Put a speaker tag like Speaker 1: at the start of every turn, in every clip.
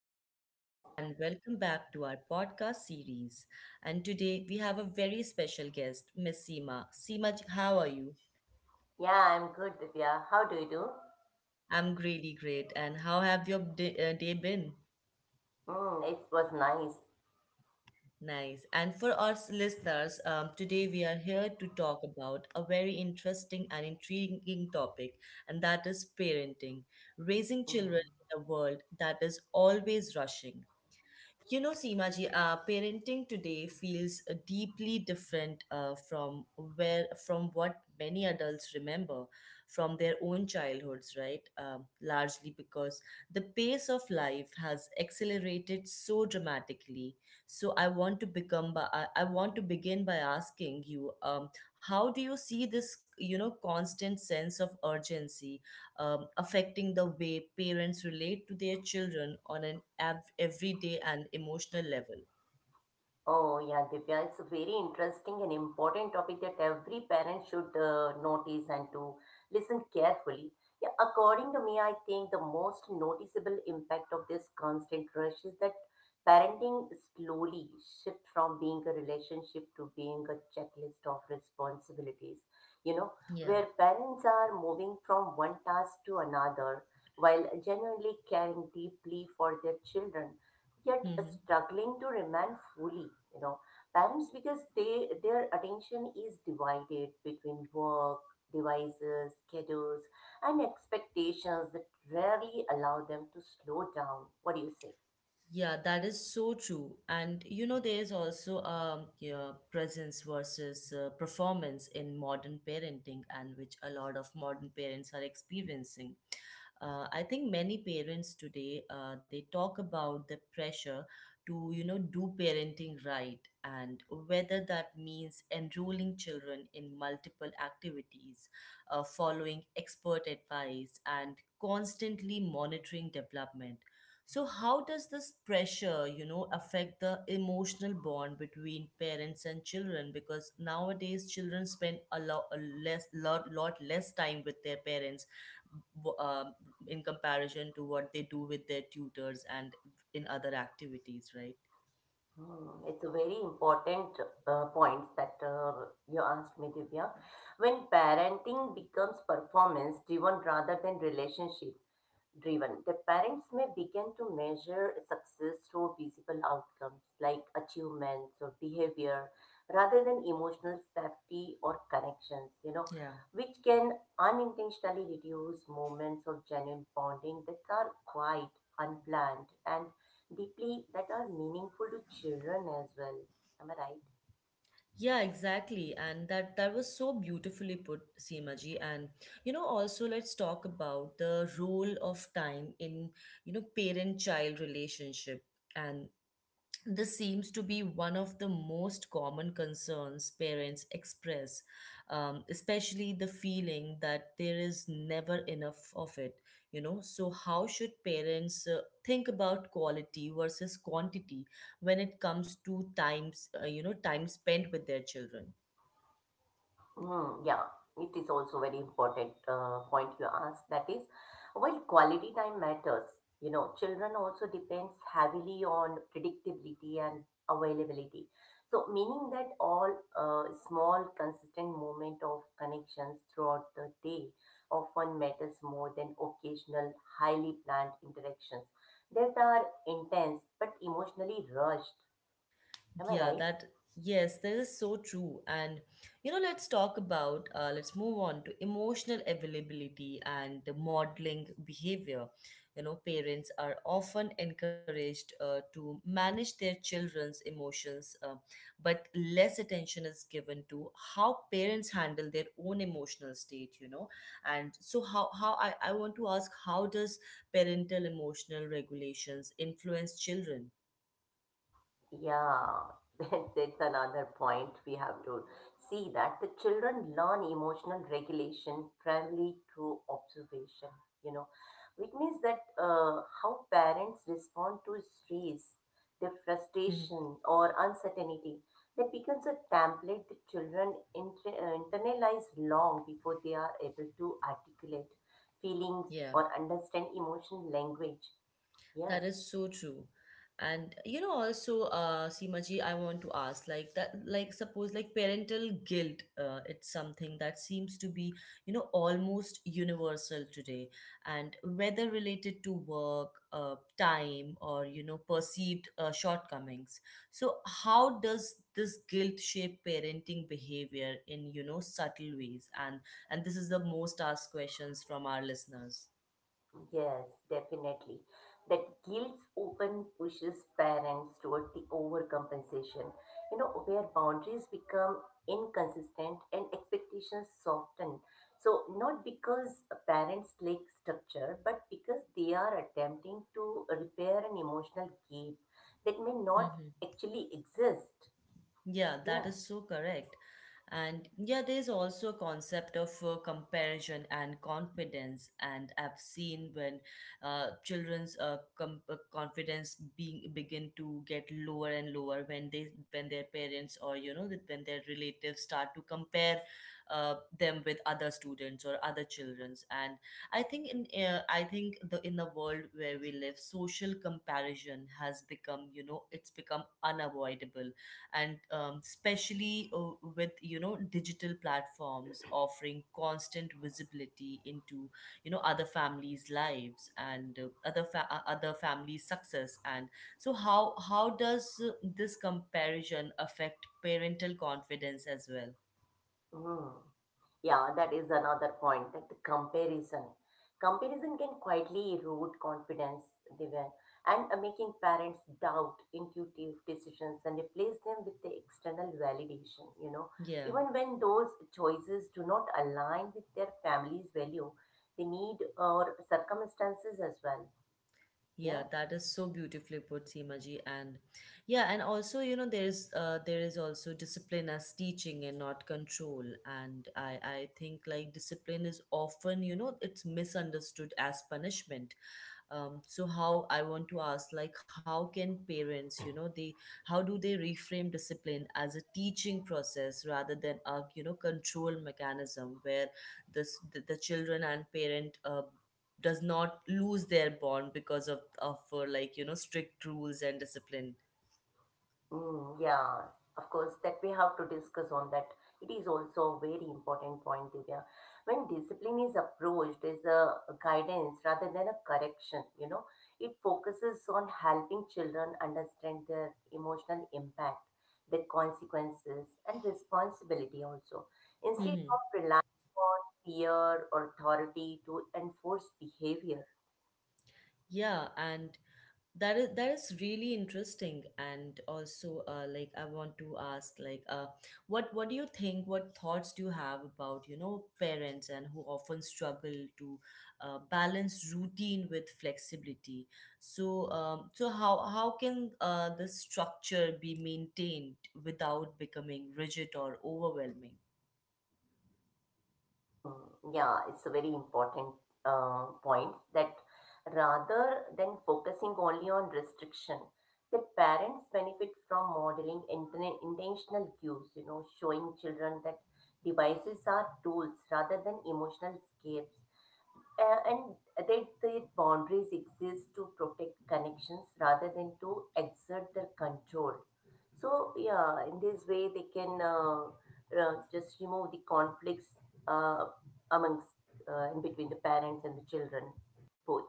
Speaker 1: everyone, and welcome back to our podcast series. And today we have a very special guest, Miss Seema. Seema, how are you?
Speaker 2: Yeah, I'm good, Divya. How do you do?
Speaker 1: I'm really great. And how have your day been?
Speaker 2: Mm, it was nice.
Speaker 1: Nice. And for our listeners, today we are here to talk about a very interesting and intriguing topic, and that is parenting, raising
Speaker 2: Mm.
Speaker 1: children in a world that is always rushing. You know, Seema ji, parenting today feels deeply different from what many adults remember from their own childhoods, right? Largely because the pace of life has accelerated so dramatically. So I want to begin by asking you, how do you see this, you know, constant sense of urgency affecting the way parents relate to their children on an everyday and emotional level.
Speaker 2: Oh, yeah, Divya, it's a very interesting and important topic that every parent should notice and to listen carefully. Yeah, according to me, I think the most noticeable impact of this constant rush is that parenting slowly shifts from being a relationship to being a checklist of responsibilities, you know,
Speaker 1: Yeah.
Speaker 2: where parents are moving from one task to another while genuinely caring deeply for their children yet
Speaker 1: Hmm.
Speaker 2: struggling to remain fully, you know, parents because they their attention is divided between work, devices, schedules, and expectations that rarely allow them to slow down. What do you say?
Speaker 1: Yeah, that is so true. And you know, there is also yeah, presence versus performance in modern parenting, and which a lot of modern parents are experiencing. I think many parents today they talk about the pressure to, you know, do parenting right, and whether that means enrolling children in multiple activities, following expert advice and constantly monitoring development. So how does this pressure, you know, affect the emotional bond between parents and children, because nowadays children spend a lot less lot lot less time with their parents w- um in comparison to what they do with their tutors and in other activities, right?
Speaker 2: Hmm, it's a very important point that you asked me, Divya. When parenting becomes performance driven rather than relationship, driven. The parents may begin to measure success through visible outcomes like achievements or behavior rather than emotional safety or connections, you know,
Speaker 1: Yeah.
Speaker 2: which can unintentionally reduce moments of genuine bonding that are quite unplanned and deeply that are meaningful to children as well. Am I right?
Speaker 1: Yeah, exactly. And that was so beautifully put, Seema ji. And you know, also let's talk about the role of time in, you know, parent-child relationship, and this seems to be one of the most common concerns parents express, especially the feeling that there is never enough of it. You know, so how should parents think about quality versus quantity when it comes to times, you know, time spent with their children?
Speaker 2: Hmm, yeah, it is also very important point you asked. That is, while quality time matters, you know, children also depends heavily on predictability and availability. So, meaning that all small consistent moment of connections throughout the day often matters more than occasional highly planned interactions that are intense but emotionally rushed. Am I
Speaker 1: Yeah,
Speaker 2: right?
Speaker 1: that, yes, that is so true. And, you know, let's talk about, let's move on to emotional availability and the modeling behavior. You know, parents are often encouraged to manage their children's emotions, but less attention is given to how parents handle their own emotional state, you know. And so, how I want to ask, how does parental emotional regulations influence children?
Speaker 2: Yeah, that's another point we have to see that the children learn emotional regulation primarily through observation, you know, which means that how parents respond to stress, their
Speaker 1: Hmm.
Speaker 2: frustration, or uncertainty, that becomes a template the children internalize long before they are able to articulate feelings
Speaker 1: Yeah.
Speaker 2: or understand emotional language. Yes.
Speaker 1: That is so true. And you know, also, Seemaji, I want to ask, like that, like suppose, like parental guilt, it's something that seems to be, you know, almost universal today, and whether related to work, time, or you know, perceived shortcomings. So, how does this guilt shape parenting behavior in, you know, subtle ways? And this is the most asked questions from our listeners.
Speaker 2: Yes, definitely. That guilt often pushes parents toward the overcompensation, you know, where boundaries become inconsistent and expectations soften. So, not because parents lack structure, but because they are attempting to repair an emotional gap that may not
Speaker 1: Mm-hmm.
Speaker 2: actually exist.
Speaker 1: Yeah, that
Speaker 2: Yeah.
Speaker 1: is so correct. And yeah, there's also a concept of comparison and confidence. And I've seen when confidence being begin to get lower and lower when they when their parents or you know that when their relatives start to compare uh, them with other students or other childrens. And I think the in the world where we live, social comparison has become, you know, it's become unavoidable, and especially with, you know, digital platforms offering constant visibility into, you know, other families' lives and other families' success. And so, how does this comparison affect parental confidence as well?
Speaker 2: Hmm. Yeah, that is another point, that the comparison. Comparison can quietly erode confidence, Divya, and making parents doubt intuitive decisions and replace them with the external validation, you know.
Speaker 1: Yeah.
Speaker 2: Even when those choices do not align with their family's value, they need or circumstances as well.
Speaker 1: Yeah,
Speaker 2: Yeah.
Speaker 1: that is so beautifully put, Seemaji. And yeah, and also, you know, there is also discipline as teaching and not control. And I think like discipline is often, you know, it's misunderstood as punishment. So how I want to ask, like how can parents, you know, they how do they reframe discipline as a teaching process rather than a, you know, control mechanism, where the children and parent does not lose their bond because of like, you know, strict rules and discipline.
Speaker 2: Mm, yeah, of course, that we have to discuss on that. It is also a very important point, Divya. When discipline is approached as a guidance rather than a correction, you know, it focuses on helping children understand their emotional impact, their consequences, and responsibility also, instead of relying on fear or authority to enforce behavior.
Speaker 1: Yeah, and that is really interesting. And also, like I want to ask, like, what do you think? What thoughts do you have about, you know, parents and who often struggle to balance routine with flexibility? So, so how can the structure be maintained without becoming rigid or overwhelming?
Speaker 2: Mm, yeah, it's a very important point that rather than focusing only on restriction, the parents benefit from modeling intentional cues, you know, showing children that devices are tools rather than emotional escapes. And that the boundaries exist to protect connections rather than to exert their control. So, yeah, in this way, they can just remove the conflicts uh, amongst in between the parents and the children, both.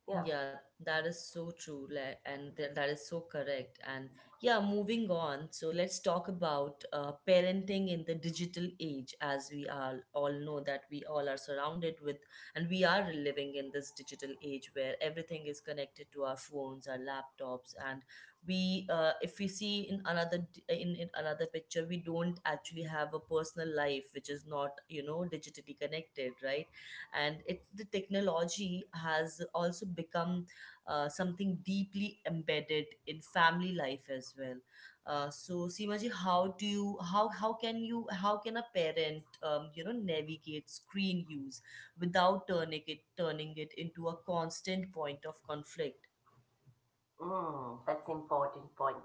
Speaker 2: Yeah.
Speaker 1: Yeah, that is so true, like, and that is so correct. And yeah, moving on. So let's talk about parenting in the digital age, as we are all know that we all are surrounded with, and we are living in this digital age where everything is connected to our phones, our laptops, and we, if we see in another d- in another picture, we don't actually have a personal life which is not, you know, digitally connected, right? And it the technology has also become something deeply embedded in family life as well. So Seema ji, how do you how can you how can a parent, you know, navigate screen use without turning it into a constant point of conflict?
Speaker 2: Mm, that's important point.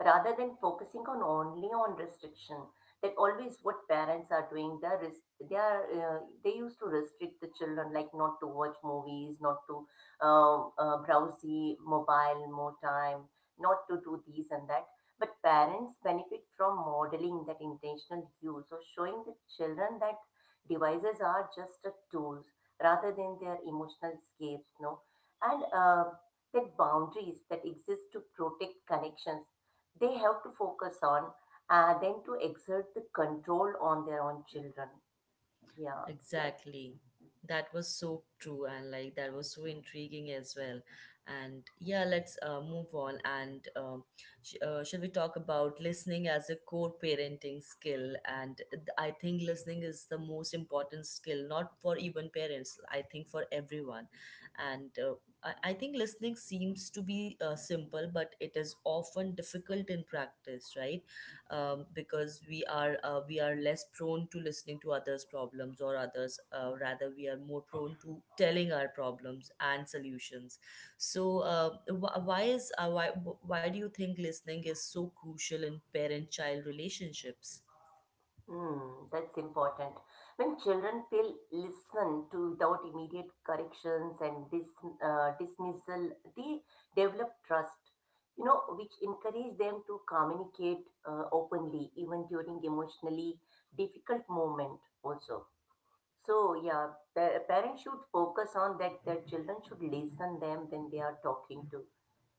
Speaker 2: Rather than focusing on only on restriction, that always what parents are doing, they are they are they used to restrict the children, like not to watch movies, not to browse the mobile more time, not to do these and that. But parents benefit from modeling that intentional use, or showing the children that devices are just a tools rather than their emotional escapes, no, and that boundaries that exist to protect connections they have to focus on than to exert the control on their own children. Yeah, it's like,
Speaker 1: Exactly. That was so true, and like that was so intriguing as well. And yeah, let's move on and should we talk about listening as a core parenting skill? And I think listening is the most important skill, not for even parents, I think for everyone. And I think listening seems to be simple, but it is often difficult in practice, right? Because we are less prone to listening to others' problems or others. Rather, we are more prone to telling our problems and solutions. So, wh- why is why do you think listening is so crucial in parent-child relationships?
Speaker 2: mm, that's important. When children feel listened to without immediate corrections and dismissal, they develop trust, you know, which encourage them to communicate openly even during emotionally difficult moment also. So yeah, parents should focus on that. Their children should listen them when they are talking to.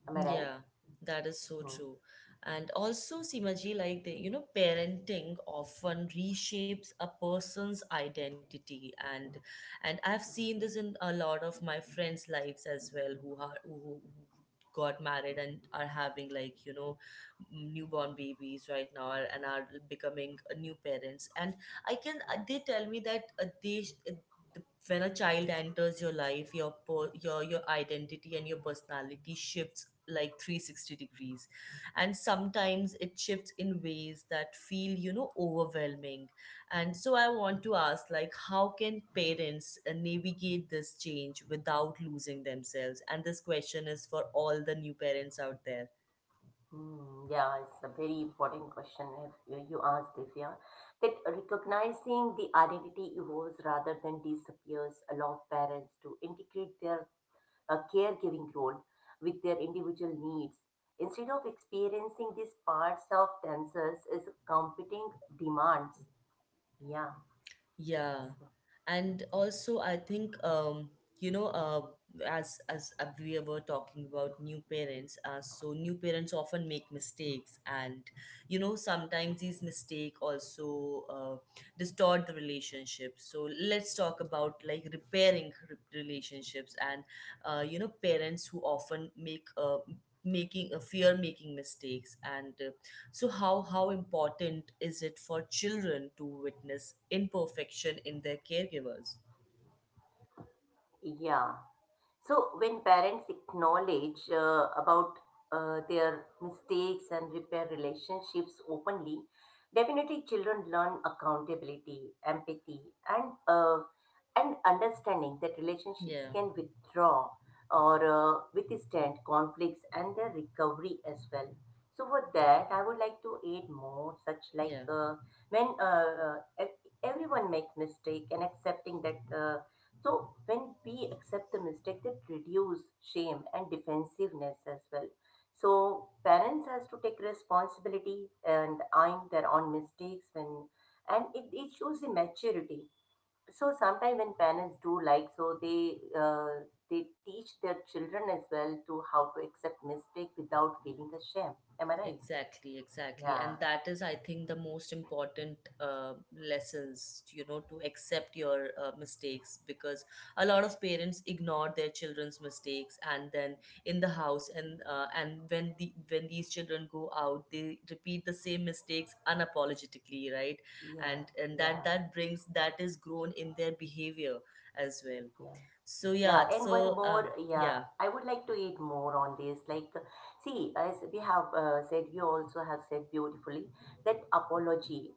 Speaker 2: Am I right?
Speaker 1: Yeah, that is so
Speaker 2: Hmm.
Speaker 1: true. And also, Simaji, like the, you know, parenting often reshapes a person's identity, and I've seen this in a lot of my friends' lives as well, who are who got married and are having, like, you know, newborn babies right now and are becoming new parents. And I can they tell me that the- when a child enters your life, your identity and your personality shifts like 360 degrees, and sometimes it shifts in ways that feel, you know, overwhelming. And so I want to ask, like, how can parents navigate this change without losing themselves? And this question is for all the new parents out there.
Speaker 2: Hmm. Yeah, it's a very important question if you asked if yeah that recognizing the identity evolves rather than disappears allow parents to integrate their caregiving role with their individual needs instead of experiencing these parts of themselves as competing demands. Yeah.
Speaker 1: Yeah,
Speaker 2: So,
Speaker 1: and also I think you know as we were talking about new parents, so new parents often make mistakes, and you know sometimes these mistake also distort the relationship. So let's talk about like repairing relationships and you know parents who often make making a fear making mistakes and so how important is it for children to witness imperfection in their caregivers?
Speaker 2: yeah. So when parents acknowledge about their mistakes and repair relationships openly, definitely children learn accountability, empathy, and understanding that
Speaker 1: Yeah,
Speaker 2: relationships can withdraw or withstand conflicts and their recovery as well. So for that, I would like to add more such like
Speaker 1: yeah.
Speaker 2: when everyone makes mistake and accepting that so when we accept the mistake, that reduce shame and defensiveness as well. So parents has to take responsibility and eyeing their own mistakes when, and it shows the maturity. So sometimes when parents do like so, they teach their children as well to how to accept mistake without feeling ashamed. Am I right?
Speaker 1: Exactly, exactly.
Speaker 2: Yeah,
Speaker 1: And that is, I think, the most important lessons, you know, to accept your mistakes, because a lot of parents ignore their children's mistakes and then in the house, and when these children go out, they repeat the same mistakes unapologetically, right?
Speaker 2: yeah,
Speaker 1: And and that
Speaker 2: yeah,
Speaker 1: that brings that is grown in their behavior as well.
Speaker 2: yeah.
Speaker 1: So
Speaker 2: Yeah,
Speaker 1: yeah,
Speaker 2: and one more, yeah,
Speaker 1: yeah,
Speaker 2: I would like to eat more on this. Like, see, as we have said, you also have said beautifully that apology,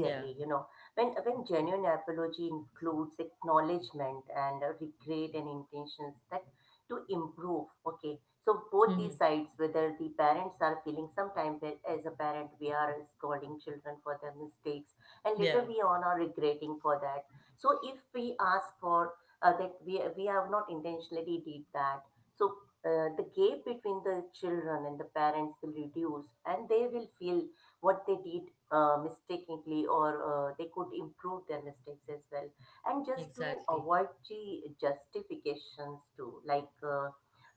Speaker 1: yeah,
Speaker 2: you know, when genuine apology includes acknowledgement and regret and intentions that to improve. Okay, so both these
Speaker 1: hmm,
Speaker 2: sides, whether the parents are feeling sometimes that as a parent we are scolding children for their mistakes, and
Speaker 1: yeah,
Speaker 2: later we on are regretting for that. So if we ask for that we have not intentionally did that. So the gap between the children and the parents will reduce and they will feel what they did mistakenly or they could improve their mistakes as well. And just to
Speaker 1: exactly,
Speaker 2: avoid the justifications too, like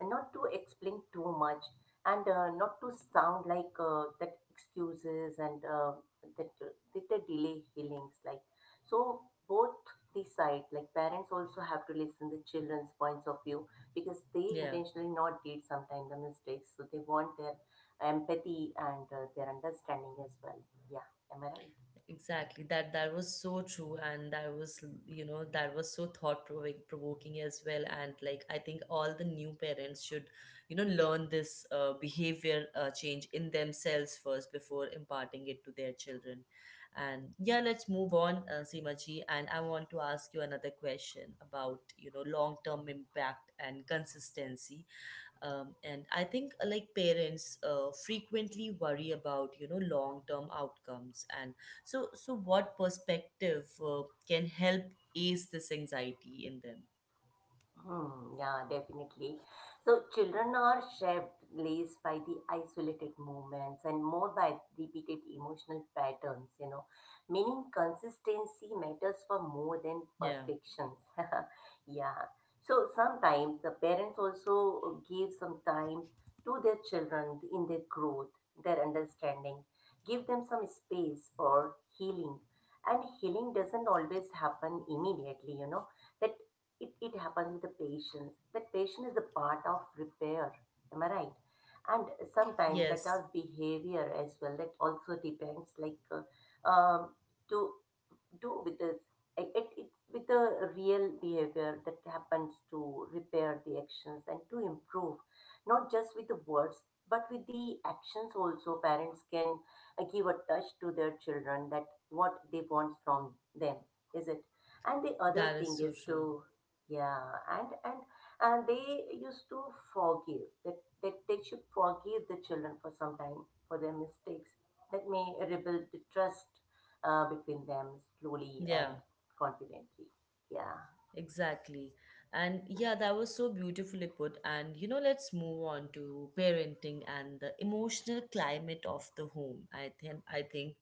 Speaker 2: not to explain too much and not to sound like that excuses and that they delay healings like so both the side like parents also have to listen the children's points of view because they
Speaker 1: yeah.
Speaker 2: intentionally not did sometimes the mistakes so they want their empathy and their understanding as well. Yeah, am I right?
Speaker 1: Exactly. That was so true, and that was, you know, that was so provoking as well. And like I think all the new parents should, you know, learn this behavior change in themselves first before imparting it to their children. And yeah, let's move on, Seemaji, and I want to ask you another question about, you know, long-term impact and consistency. And I think like parents frequently worry about, you know, long term outcomes. And so what perspective can help ace this anxiety in them?
Speaker 2: Hmm, yeah, definitely. So children are shaped less by the isolated movements and more by repeated emotional patterns, you know, meaning consistency matters for more than
Speaker 1: Yeah.
Speaker 2: perfections. Yeah. So sometimes the parents also give some time to their children in their growth, their understanding, give them some space for healing. And healing doesn't always happen immediately, you know that it happens with the patience. That patience is a part of repair. Am I right? And sometimes that
Speaker 1: Yes,
Speaker 2: our behavior as well, that also depends. Like to do with this it with the real behavior that happens to repair the actions and to improve, not just with the words but with the actions also parents can give a touch to their children that what they want from them, is it? And the other
Speaker 1: that is
Speaker 2: thing
Speaker 1: so
Speaker 2: is
Speaker 1: true.
Speaker 2: to, yeah, and and and they used to forgive that, that they should forgive the children for some time for their mistakes, that may rebuild the trust between them slowly
Speaker 1: Yeah.
Speaker 2: and confidently. Yeah.
Speaker 1: Exactly. And yeah, that was so beautifully put. And you know, let's move on to parenting and the emotional climate of the home. I think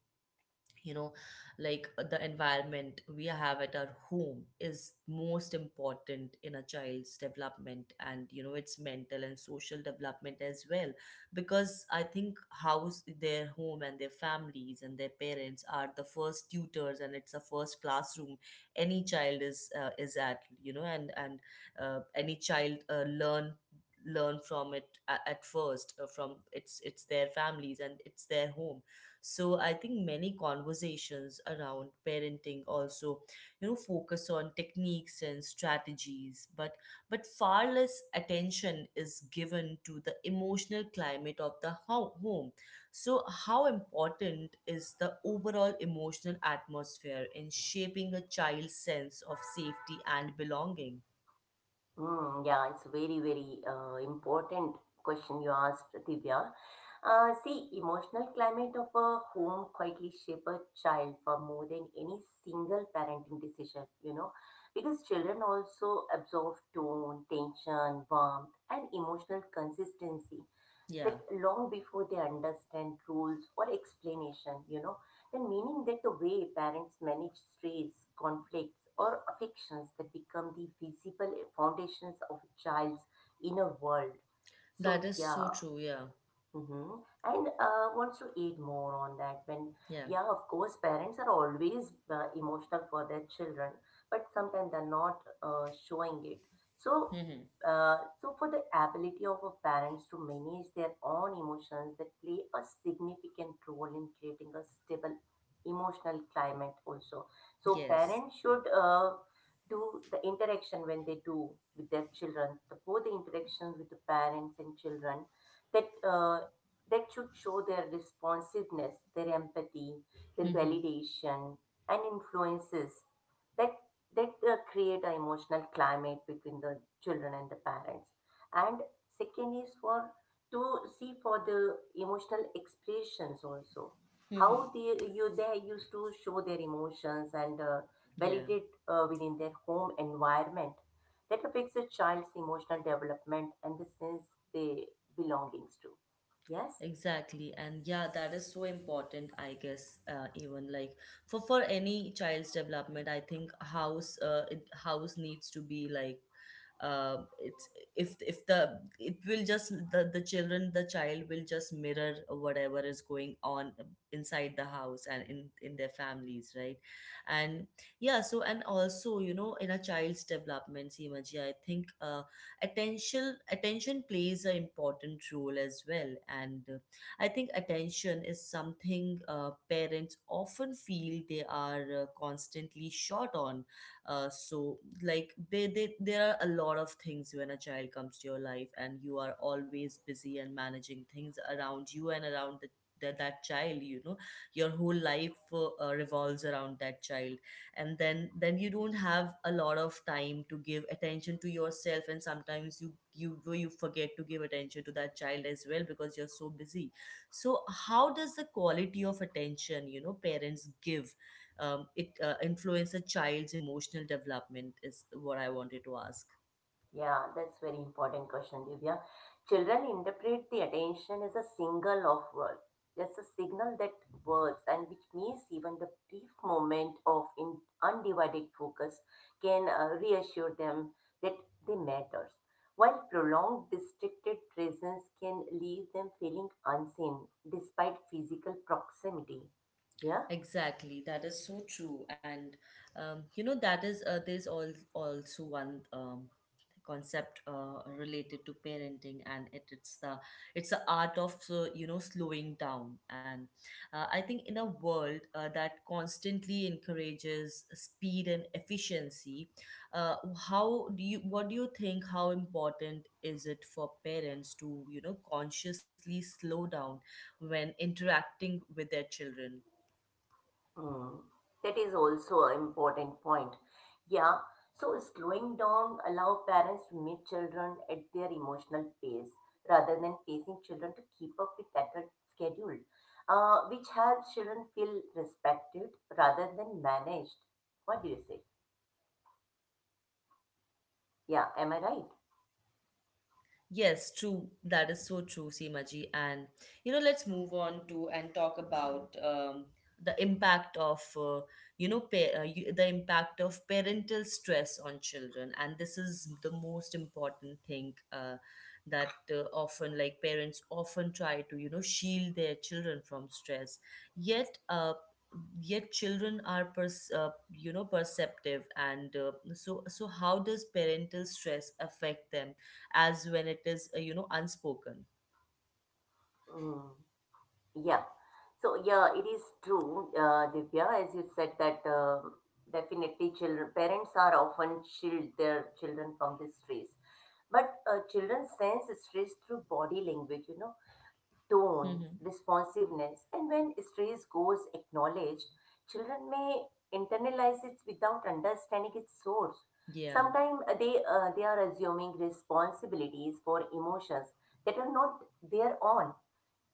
Speaker 1: you know, the environment we have at our home is most important in a child's development, and you know, its mental and social development as well. Because I think house, their home and their families and their parents are the first tutors, and it's the first classroom any child is at, you know. And Any child learn learn from it at first, from it's their families and it's their home. So I think many conversations around parenting also, you know, focus on techniques and strategies, but far less attention is given to the emotional climate of the home. So how important is the overall emotional atmosphere in shaping a child's sense of safety and belonging?
Speaker 2: Mm, yeah, it's very, very important question you asked, Divya. See, emotional climate of a home quietly shape a child for more than any single parenting decision, you know, because children also absorb tone, tension, warmth, and emotional consistency that
Speaker 1: Yeah,
Speaker 2: long before they understand rules or explanation, you know, then meaning that the way parents manage stress, conflicts, or affections that become the visible foundations of a child's inner world.
Speaker 1: that
Speaker 2: So,
Speaker 1: is so
Speaker 2: yeah.
Speaker 1: true. Yeah.
Speaker 2: Mm-hmm. And wants to aid more on that when,
Speaker 1: Yeah.
Speaker 2: yeah, of course, parents are always emotional for their children, but sometimes they're not showing it. So,
Speaker 1: Hmm.
Speaker 2: so for the ability of a parents to manage their own emotions, that play a significant role in creating a stable emotional climate also. So
Speaker 1: Yes.
Speaker 2: parents should do the interaction when they do with their children, both the interactions with the parents and children, that that should show their responsiveness, their empathy, their validation, and influences that create an emotional climate between the children and the parents. And second is for to see for the emotional expressions also, how
Speaker 1: Mm-hmm.
Speaker 2: they used to show their emotions and
Speaker 1: Yeah.
Speaker 2: validate within their home environment that affects a child's emotional development and the sense they belongings to. Yes.
Speaker 1: Exactly, and yeah, that is so important, I guess. Even like for any child's development, I think house needs to be like it's if the child will just mirror whatever is going on inside the house and in their families, right? And yeah. So and also, you know, in a child's development, Seemaji, I think attention plays an important role as well. And I think attention is something parents often feel they are constantly short on. So like, they there are a lot of things when a child comes to your life, and you are always busy and managing things around you and around that child, you know. Your whole life revolves around that child, and then you don't have a lot of time to give attention to yourself, and sometimes you forget to give attention to that child as well because you're so busy. So how does the quality of attention, you know, parents give, it influence a child's emotional development is what I wanted to ask.
Speaker 2: Yeah, that's very important question, Divya. Children interpret the attention as a single of word. That's a signal that words, and which means even the brief moment of in undivided focus, can reassure them that they matters. While prolonged distracted presence can leave them feeling unseen despite physical proximity. Yeah.
Speaker 1: Exactly, that is so true. And you know, that is there's all also one concept related to parenting, and it's the art of, you know, slowing down. And I think in a world that constantly encourages speed and efficiency, uh, how do you what do you think? How important is it for parents to, you know, consciously slow down when interacting with their children?
Speaker 2: Mm, that is also an important point. Yeah. So slowing down allow parents to meet children at their emotional pace rather than pacing children to keep up with adult schedule, which helps children feel respected rather than managed. What do you say? Yeah, am I right?
Speaker 1: Yes, true. That is so true, Seemaji. And you know, let's move on to and talk about the impact of, you know, the impact of parental stress on children. And this is the most important thing, that often like parents often try to, you know, shield their children from stress. Yet, children are you know, perceptive. And so, so how does parental stress affect them, as when it is, you know, unspoken?
Speaker 2: Mm. Yeah. So yeah, it is true, Divya, as you said that definitely children parents are often shield their children from this stress. But children sense stress through body language, tone,
Speaker 1: Mm-hmm.
Speaker 2: responsiveness, and when stress goes acknowledged, children may internalize it without understanding its source.
Speaker 1: Yeah.
Speaker 2: Sometimes they are assuming responsibilities for emotions that are not their own.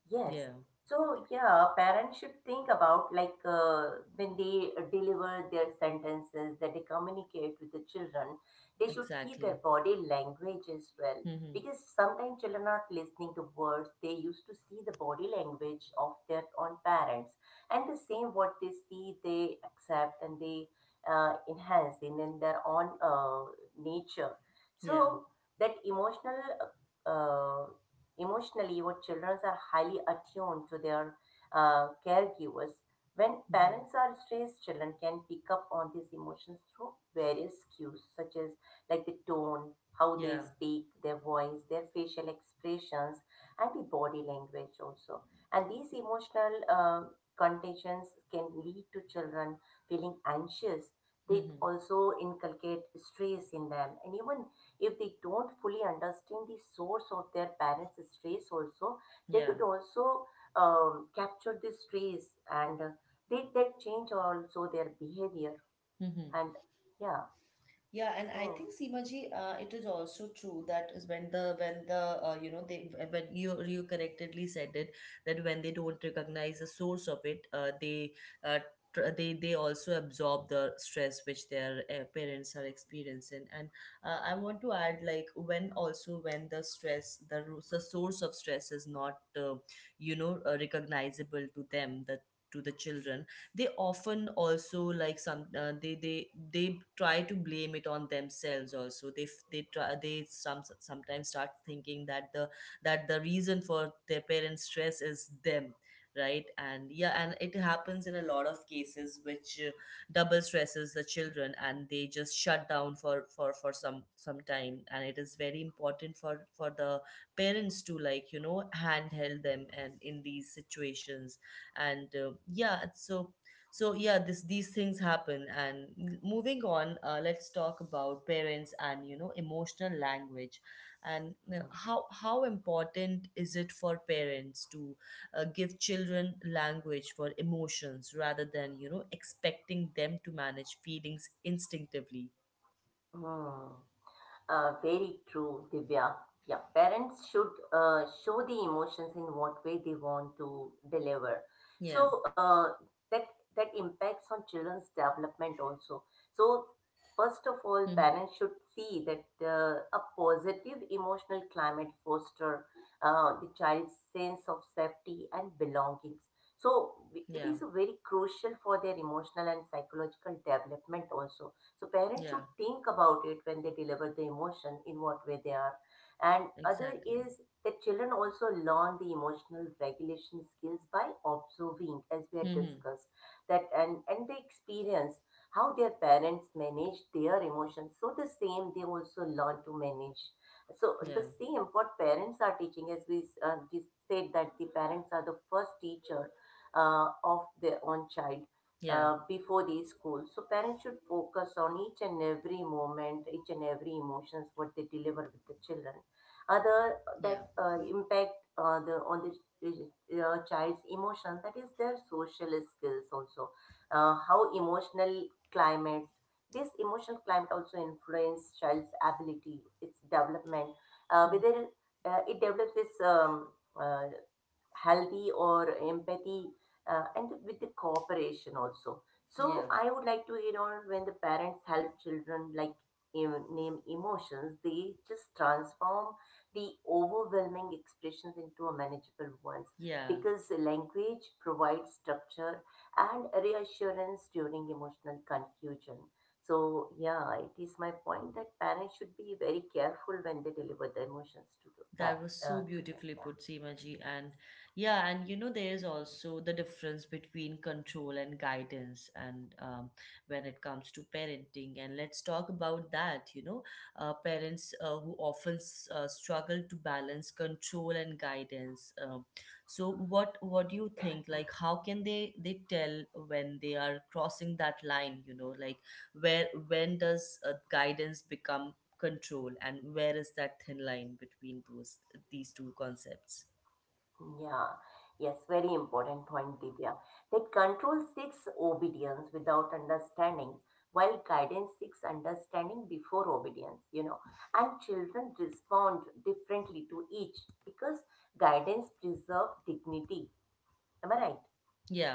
Speaker 2: Yes.
Speaker 1: Yeah.
Speaker 2: So, yeah, parents should think about like when they deliver their sentences that they communicate with the children, they should see their
Speaker 1: Exactly.
Speaker 2: body language as well.
Speaker 1: Mm-hmm.
Speaker 2: Because sometimes children are not listening to words, they used to see the body language of their own parents. And the same what they see, they accept and they enhance in their own nature.
Speaker 1: Yeah.
Speaker 2: So, that emotional uh, emotionally, your children are highly attuned to their caregivers. When
Speaker 1: Mm-hmm.
Speaker 2: parents are stressed, children can pick up on these emotions through various cues, such as like the tone, how they
Speaker 1: Yeah.
Speaker 2: speak, their voice, their facial expressions, and the body language also. And these emotional conditions can lead to children feeling anxious. They
Speaker 1: Mm-hmm.
Speaker 2: also inculcate stress in them, and even if they don't fully understand the source of their parents' stress also, they
Speaker 1: Yeah.
Speaker 2: could also capture the stress and they that change also their behavior,
Speaker 1: Mm-hmm.
Speaker 2: and yeah,
Speaker 1: Yeah, and I
Speaker 2: so,
Speaker 1: think, Seemaji, it is also true that is when the you know, they, when you, correctly said it, that when they don't recognize the source of it, uh, they also absorb the stress which their parents are experiencing. And I want to add, like, when also when the source of stress is not, recognizable to them, the to the children, they often also like some they try to blame it on themselves also. They sometimes start thinking that the reason for their parents stress is them, right? And yeah, and it happens in a lot of cases which double stresses the children, and they just shut down for some time. And it is very important for the parents to, like, you know, handheld them and in these situations. And yeah, so this, these things happen. And moving on, let's talk about parents and, you know, emotional language. And
Speaker 2: hmm.
Speaker 1: how important is it for parents to give children language for emotions rather than, you know, expecting them to manage feelings instinctively?
Speaker 2: Hmm. Very true, Divya. Yeah, parents should show the emotions in what way they want to deliver.
Speaker 1: Yeah.
Speaker 2: So that that impacts on children's development also. So first of
Speaker 1: Mm-hmm.
Speaker 2: all, parents should see that a positive emotional climate foster the child's sense of safety and belongings. So it
Speaker 1: Yeah.
Speaker 2: is very crucial for their emotional and psychological development also. So parents
Speaker 1: Yeah.
Speaker 2: should think about it when they deliver the emotion, in what way they are. And other
Speaker 1: Exactly.
Speaker 2: is that children also learn the emotional regulation skills by observing, as we had
Speaker 1: Mm-hmm.
Speaker 2: discussed, that and they experience how their parents manage their emotions. So the same they also learn to manage. So the
Speaker 1: Yeah.
Speaker 2: same what parents are teaching, as we said that the parents are the first teacher of their own child
Speaker 1: Yeah.
Speaker 2: before these schools. So parents should focus on each and every moment, each and every emotions what they deliver with the children. Other that
Speaker 1: Yeah.
Speaker 2: impact the on the child's emotion, that is their social skills also. How emotional climate, this emotional climate also influence child's ability, its development.
Speaker 1: Mm.
Speaker 2: Whether it develops this uh, healthy or empathy and with the cooperation also. So
Speaker 1: Yeah,
Speaker 2: I would like to add on, when the parents help children like name emotions, they just transform the overwhelming expressions into a manageable ones,
Speaker 1: yeah.
Speaker 2: because language provides structure and reassurance during emotional confusion. So yeah, it is my point that parents should be very careful when they deliver the emotions to the
Speaker 1: That
Speaker 2: parent,
Speaker 1: was so
Speaker 2: children.
Speaker 1: beautifully
Speaker 2: Yeah.
Speaker 1: put, Seema ji. And yeah, and you know, there is also the difference between control and guidance, and when it comes to parenting. And let's talk about that. You know, parents who often s- struggle to balance control and guidance. So, what do you think? Like, how can they tell when they are crossing that line? You know, like where when does guidance become control, and where is that thin line between those these two concepts?
Speaker 2: Yeah, yes, very important point, Divya. That control seeks obedience without understanding, while guidance seeks understanding before obedience. And children respond differently to each because guidance preserves dignity. Am I right?
Speaker 1: Yeah,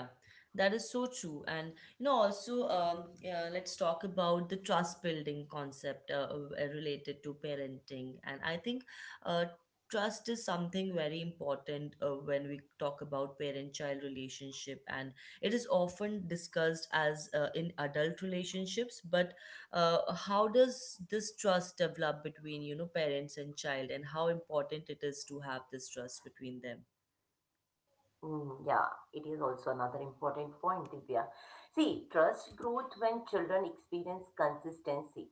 Speaker 1: that is so true. And you know, also, yeah, let's talk about the trust building concept related to parenting. And I think uh, trust is something very important when we talk about parent-child relationship, and it is often discussed as in adult relationships. But how does this trust develop between, you know, parents and child, and how important it is to have this trust between them?
Speaker 2: Mm, yeah, it is also another important point, Divya. See, trust growth when children experience consistency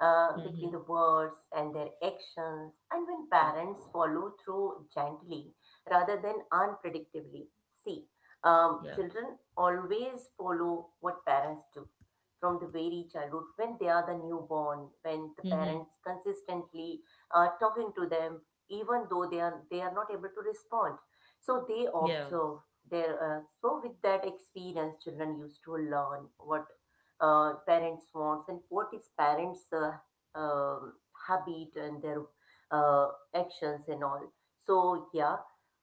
Speaker 1: Mm-hmm.
Speaker 2: between the words and their actions, and when
Speaker 1: Yeah,
Speaker 2: parents follow through gently rather than unpredictably. See,
Speaker 1: yeah.
Speaker 2: children always follow what parents do from the very childhood when they are the newborn, when the
Speaker 1: Mm-hmm.
Speaker 2: parents consistently are talking to them, even though they are not able to respond, so they
Speaker 1: Yeah,
Speaker 2: observe their, so with that experience, children used to learn what parents wants and what is parents' um habit and their uh, actions and all. So yeah,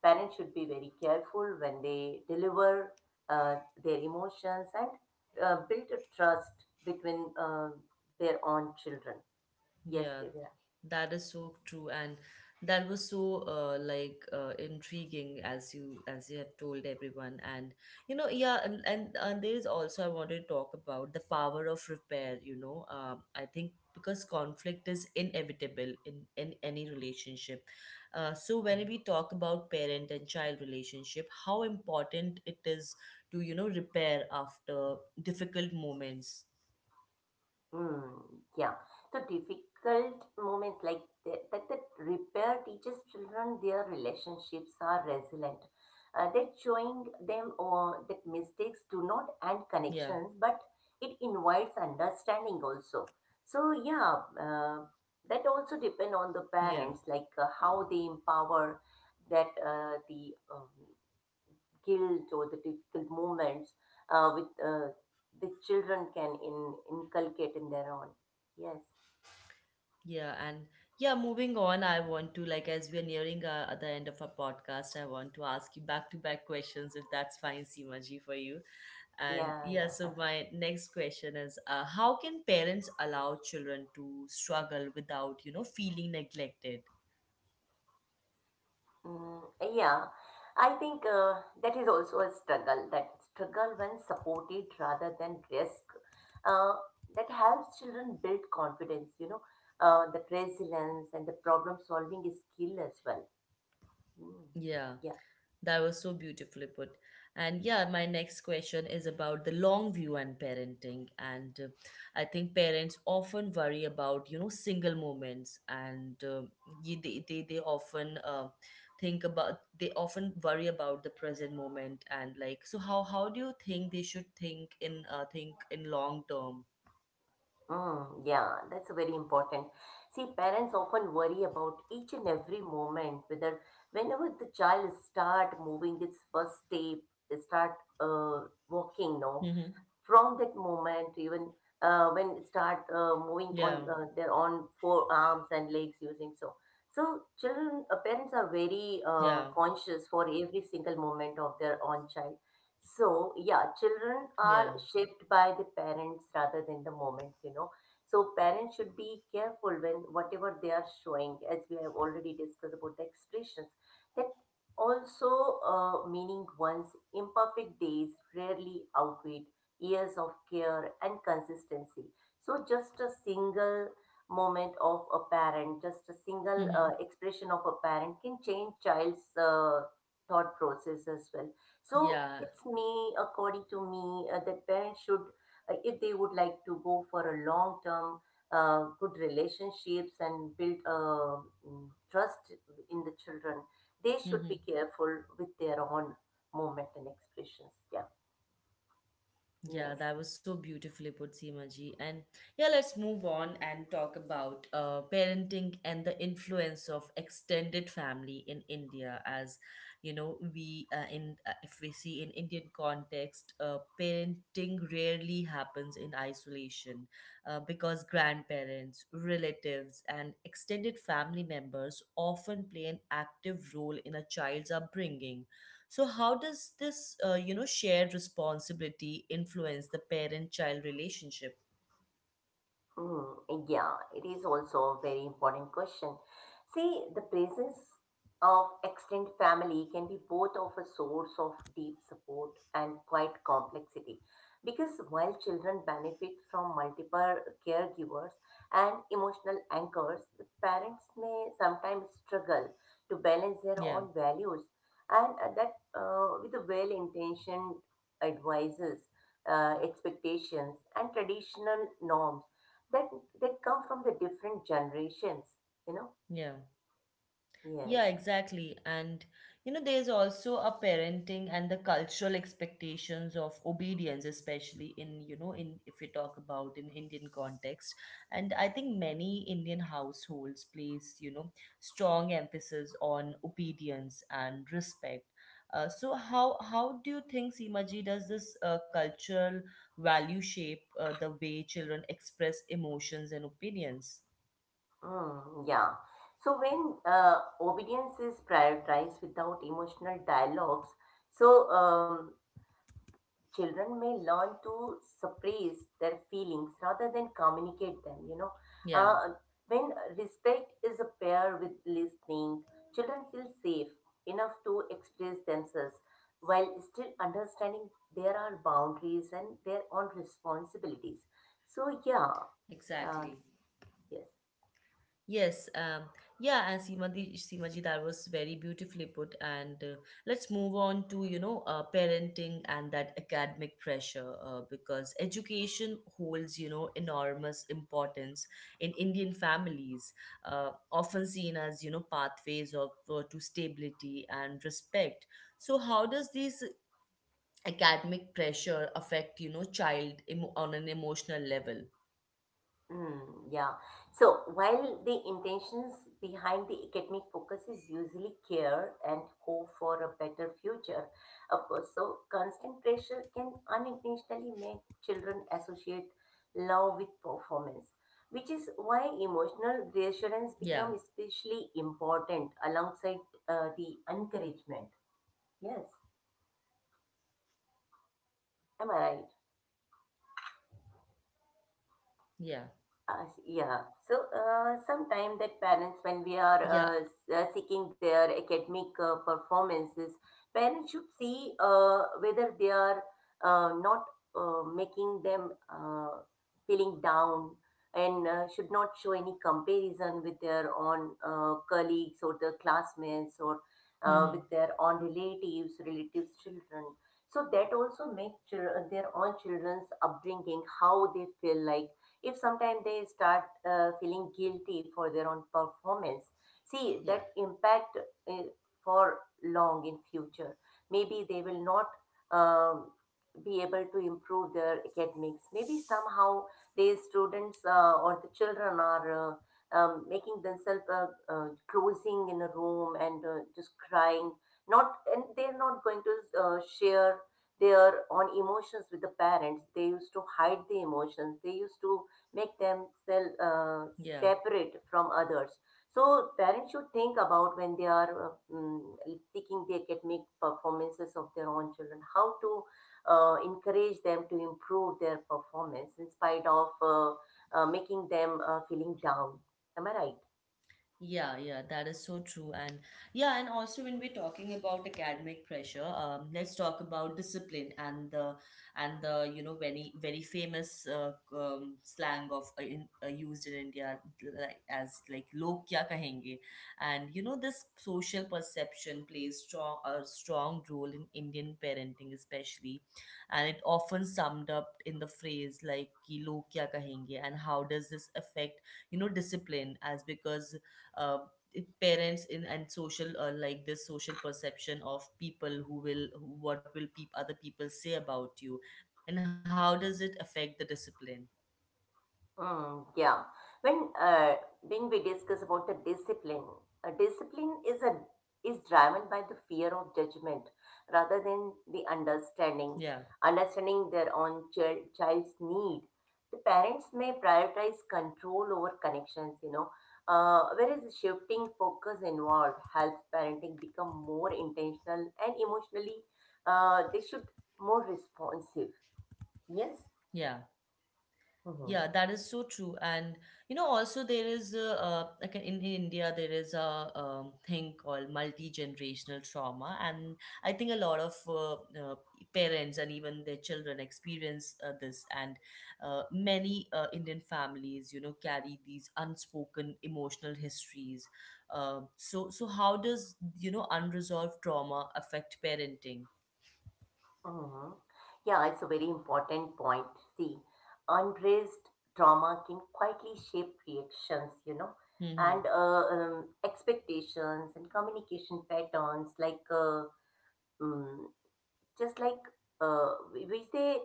Speaker 2: parents should be very careful when they deliver uh, their emotions and build a trust between their own children. Yes,
Speaker 1: yeah,
Speaker 2: Divya.
Speaker 1: that is so true. And that was so intriguing, as you, have told everyone. And you know, yeah, and there is also I wanted to talk about the power of repair. You know, I think because conflict is inevitable in any relationship, so when we talk about parent and child relationship, how important it is to, you know, repair after difficult moments.
Speaker 2: Hmm, yeah. So difficult moments like that repair teaches children their relationships are resilient. That showing them that
Speaker 1: Yeah,
Speaker 2: mistakes do not end connections, but it invites understanding also. So yeah, that also depend
Speaker 1: yeah.
Speaker 2: on the parents, like how they empower that the guilt or the difficult moments with the children can inculcate in their own. Yes.
Speaker 1: Yeah, and yeah, moving on, I want to, like, as we are nearing at the end of our podcast, I want to ask you back to back questions, if that's fine, Simaji, for you. And
Speaker 2: Yeah.
Speaker 1: yeah,
Speaker 2: Yeah.
Speaker 1: so my next question is, how can parents allow children to struggle without, you know, feeling neglected?
Speaker 2: Mm, yeah, I think that is also a struggle. That struggle, when supported rather than risk, uh, that helps children build confidence, the resilience and the problem solving skill as well. Mm.
Speaker 1: Yeah, that was so beautifully put. And yeah, my next question is about the long view and parenting. And I think parents often worry about, you know, single moments. And ye- they often think about, they often worry about the present moment. And like, so how, do you think they should think in, think in long term?
Speaker 2: Mm, yeah, that's very important. See, parents often worry about each and every moment, whether whenever the child start moving its first step, they start walking,
Speaker 1: Mm-hmm.
Speaker 2: no, from that moment even when start moving
Speaker 1: Yeah,
Speaker 2: on their own forearms and legs using, so children, parents are very
Speaker 1: yeah,
Speaker 2: conscious for every single moment of their own child. So yeah, children are
Speaker 1: yeah.
Speaker 2: shaped by the parents rather than the moments, so parents should be careful when whatever they are showing, as we have already discussed about the expressions, that also meaning one's imperfect days rarely outweigh years of care and consistency. So, just a single moment of a parent, just a single
Speaker 1: Mm-hmm.
Speaker 2: expression of a parent can change child's thought process as well. So,
Speaker 1: Yeah.
Speaker 2: it's me, according to me, that parents should, if they would like to go for a long term, good relationships and build trust in the children, they should be
Speaker 1: Mm-hmm.
Speaker 2: careful with their own movement and expressions. Yeah.
Speaker 1: Yeah,
Speaker 2: Yes.
Speaker 1: that was so beautifully put, Seema ji. And yeah, let's move on and talk about parenting and the influence of extended family in India. As you know, we in if we see in Indian context, parenting rarely happens in isolation, because grandparents, relatives, and extended family members often play an active role in a child's upbringing. So how does this, you know, shared responsibility influence the parent-child relationship?
Speaker 2: Hmm, yeah, it is also a very important question. See, the presence of extended family can be both of a source of deep support and quite complexity. Because while children benefit from multiple caregivers and emotional anchors, the parents may sometimes struggle to balance their
Speaker 1: Yeah,
Speaker 2: own values and that with the well-intentioned advices, expectations, and traditional norms that they come from the different generations you know
Speaker 1: yeah. Yeah,
Speaker 2: yes.
Speaker 1: exactly. And you know, there's also a parenting and the cultural expectations of obedience, especially in, you know, in if we talk about in Indian context. And I think many Indian households place, you know, strong emphasis on obedience and respect. So how do you think, Seemaji, does this cultural value shape the way children express emotions and opinions?
Speaker 2: Mm, yeah. So when obedience is prioritized without emotional dialogues, so children may learn to suppress their feelings rather than communicate them.
Speaker 1: Yeah,
Speaker 2: uh, when respect is a pair with listening, children feel safe enough to express themselves while still understanding there are boundaries and their own responsibilities. So yeah, uh,
Speaker 1: exactly.
Speaker 2: yes.
Speaker 1: Yes, yeah, and Seemaji, that was very beautifully put. And let's move on to, you know, parenting and that academic pressure, because education holds, you know, enormous importance in Indian families, often seen as, you know, pathways of to stability and respect. So how does this academic pressure affect, you know, child emo on an emotional level?
Speaker 2: Mm, yeah. So while the intentions behind the academic focus is usually care and hope for a better future, of course, so constant pressure can unintentionally make children associate love with performance, which is why emotional
Speaker 1: Yeah,
Speaker 2: reassurance becomes especially important alongside the encouragement. Yes, am I right?
Speaker 1: yeah,
Speaker 2: Yeah. So sometimes that parents, when we
Speaker 1: yeah.
Speaker 2: are seeking their academic performances, parents should see whether they are not making them feeling down, and should not show any comparison with their own colleagues or their classmates or
Speaker 1: Hmm.
Speaker 2: with their own relatives, relatives' children. So that also makes their own children's upbringing, how they feel. Like, if sometime they start feeling guilty for their own performance, see
Speaker 1: Yeah,
Speaker 2: that impact uh, for long in future. Maybe they will not um, be able to improve their academics. Maybe somehow these students or the children are making themselves closing in a room and just crying, not, and they're not going to share their own emotions with the parents. They used to hide the emotions, they used to make themselves
Speaker 1: yeah.
Speaker 2: separate from others. So parents should think about, when they are seeking the academic performances of their own children, how to encourage them to improve their performance in spite of making them feeling down. Am I right?
Speaker 1: Yeah, yeah, that is so true. And yeah, and also when we're talking about academic pressure, let's talk about discipline and the, you know, very famous slang of used in India, like, as like, log kya kahenge. And you know, this social perception plays strong a strong role in Indian parenting especially, and it often summed up in the phrase like ki log kya kahenge. And how does this affect, you know, discipline? As because uh, parents in and social like this social perception of people what will peop other people say about you, and how does it affect the discipline?
Speaker 2: Mm, yeah. When uh, when we discuss about the discipline, discipline is a is driven by the fear of judgment rather than the understanding
Speaker 1: Yeah.
Speaker 2: understanding their own child, child's need. The parents may prioritize control over connections, whereas shifting focus involved helps parenting become more intentional and emotionally, they should more responsive. Yes.
Speaker 1: Yeah. Yeah, that is so true. And you know, also there is a, like in, India, there is a thing called multi-generational trauma. And I think a lot of uh, parents and even their children experience this. And many Indian families, you know, carry these unspoken emotional histories. So, so how does, you know, unresolved trauma affect parenting?
Speaker 2: Hmm. Yeah, it's a very important point. See, unraised trauma can quietly shape reactions, and
Speaker 1: Mm-hmm.
Speaker 2: expectations and communication patterns like mm, just like uh, which they,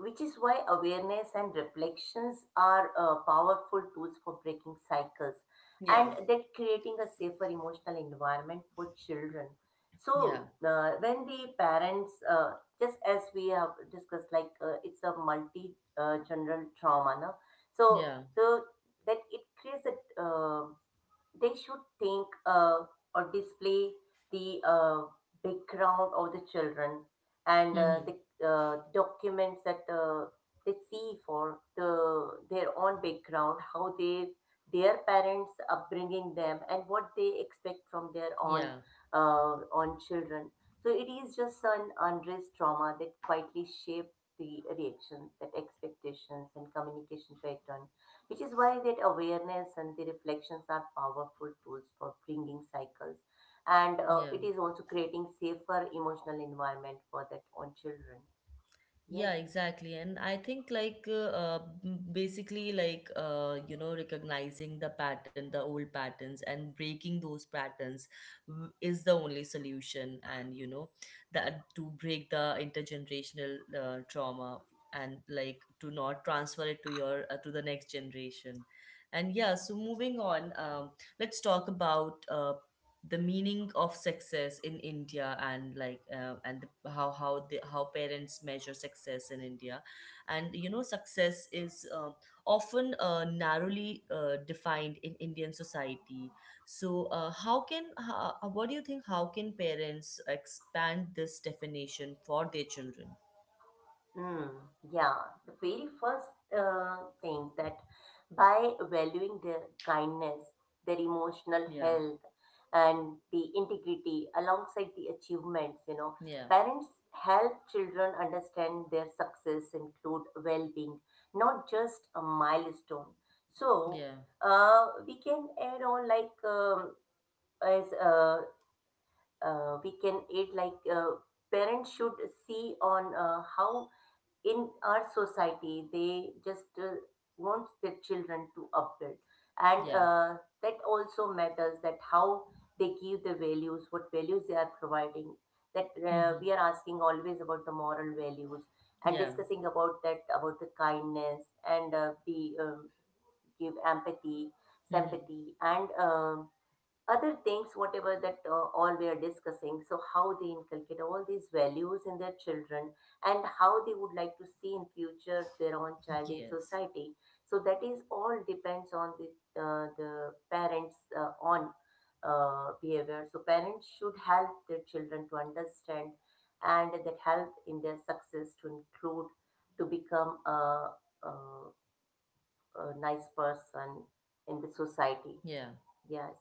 Speaker 2: which is why awareness and reflections are powerful tools for breaking cycles
Speaker 1: Yeah.
Speaker 2: and that creating a safer emotional environment for children.
Speaker 1: Yeah,
Speaker 2: So when the parents, just as we have discussed, like it's a multi general trauma, no? So
Speaker 1: yeah.
Speaker 2: the that it creates a they should think or display the background of the children and
Speaker 1: Mm-hmm.
Speaker 2: the documents that they see for the their own background, how they their parents upbringing them and what they expect from their own
Speaker 1: Yeah,
Speaker 2: uh, own children. So it is just an unrest trauma that quietly shape the reactions, that expectations and communication pattern, which is why that awareness and the reflections are powerful tools for bringing cycles. And
Speaker 1: yeah.
Speaker 2: it is also creating safer emotional environment for that own children. Yes.
Speaker 1: Yeah, exactly. And I think like basically like, you know, recognizing the old patterns, and breaking those patterns is the only solution. And you know, that to break the intergenerational trauma, and like to not transfer it to your to the next generation. And yeah, so moving on, let's talk about the meaning of success in India, and like and how the how parents measure success in India. And you know, success is often narrowly defined in Indian society. So what do you think? How can parents expand this definition for their children?
Speaker 2: Mm, yeah, the very first uh, thing, that by valuing their kindness, their emotional
Speaker 1: Yeah,
Speaker 2: health, and the integrity alongside the achievements,
Speaker 1: yeah,
Speaker 2: parents help children understand their success include well being, not just a milestone. So,
Speaker 1: yeah,
Speaker 2: we can add on like as we can add like parents should see on how in our society they just want their children to upbuild, and
Speaker 1: yeah.
Speaker 2: that also matters, that how they give the values, what values they are providing, that
Speaker 1: Mm-hmm.
Speaker 2: we are asking always about the moral values and
Speaker 1: Yeah.
Speaker 2: discussing about that about the kindness and the give empathy,
Speaker 1: Mm-hmm.
Speaker 2: sympathy, and other things whatever that all we are discussing, so how they inculcate all these values in their children and how they would like
Speaker 1: Yes.
Speaker 2: to see in future their own child in society. So that is all depends on the parents on behavior. So parents should help their children to understand, and that help in their success to include to become a, a nice person in the society.
Speaker 1: Yeah.
Speaker 2: Yes.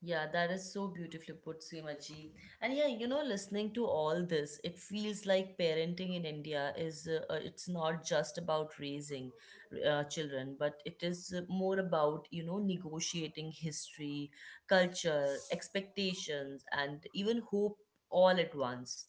Speaker 1: Yeah, that is so beautifully put, Seemaji. And yeah, you know, listening to all this, it feels like parenting in India is it's not just about raising children, but it is more about, you know, negotiating history, culture, expectations, and even hope all at once.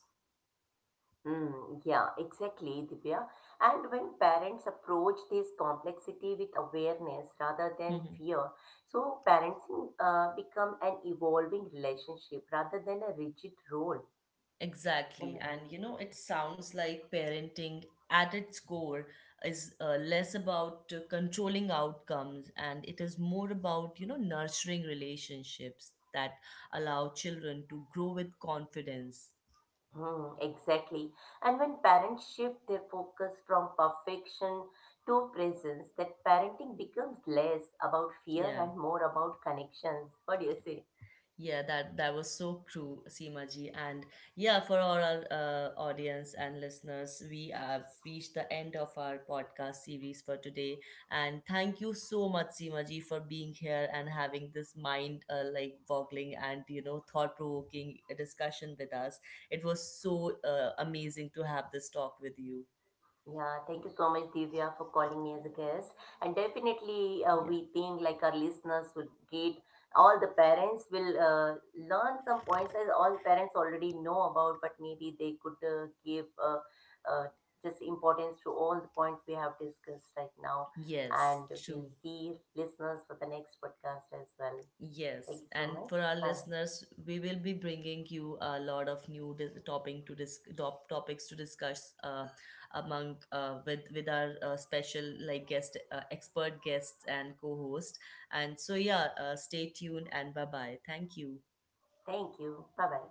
Speaker 2: Mm, yeah, exactly, Divya. And when parents approach this complexity with awareness rather than fear, so parenting become an evolving relationship rather than a rigid role. Am I
Speaker 1: Exactly. And
Speaker 2: right?
Speaker 1: you know, it sounds like parenting at its core is less about controlling outcomes, and it is more about, you know, nurturing relationships that allow children to grow with confidence.
Speaker 2: Hmm, exactly. And when parents shift their focus from perfection to presence, that parenting becomes less about fear
Speaker 1: Yeah.
Speaker 2: and more about connections. What do you say?
Speaker 1: Yeah, that that was so true, Seema ji. And yeah, for all our audience and listeners, we have reached the end of our podcast series for today. And thank you so much, Seema ji, for being here and having this mind, like, boggling and, you know, thought provoking discussion with us. It was so amazing to have this talk with you.
Speaker 2: Yeah, thank you so much, Divya, for calling me as a guest. And definitely,
Speaker 1: Yeah.
Speaker 2: we think like our listeners would get, all the parents will learn some points, as all parents already know about, but maybe they could give uh, just importance to all the points we have discussed right now.
Speaker 1: Yes,
Speaker 2: And we'll
Speaker 1: true.
Speaker 2: see listeners for the next podcast as well. Thank
Speaker 1: Yes,
Speaker 2: you so
Speaker 1: and
Speaker 2: much.
Speaker 1: for our
Speaker 2: Bye bye.
Speaker 1: listeners, we will be bringing you a lot of new topic to topics to discuss, among with our special like guest, expert guests and co-host. And so yeah, stay tuned and bye bye. Thank you.
Speaker 2: Thank you. Bye bye.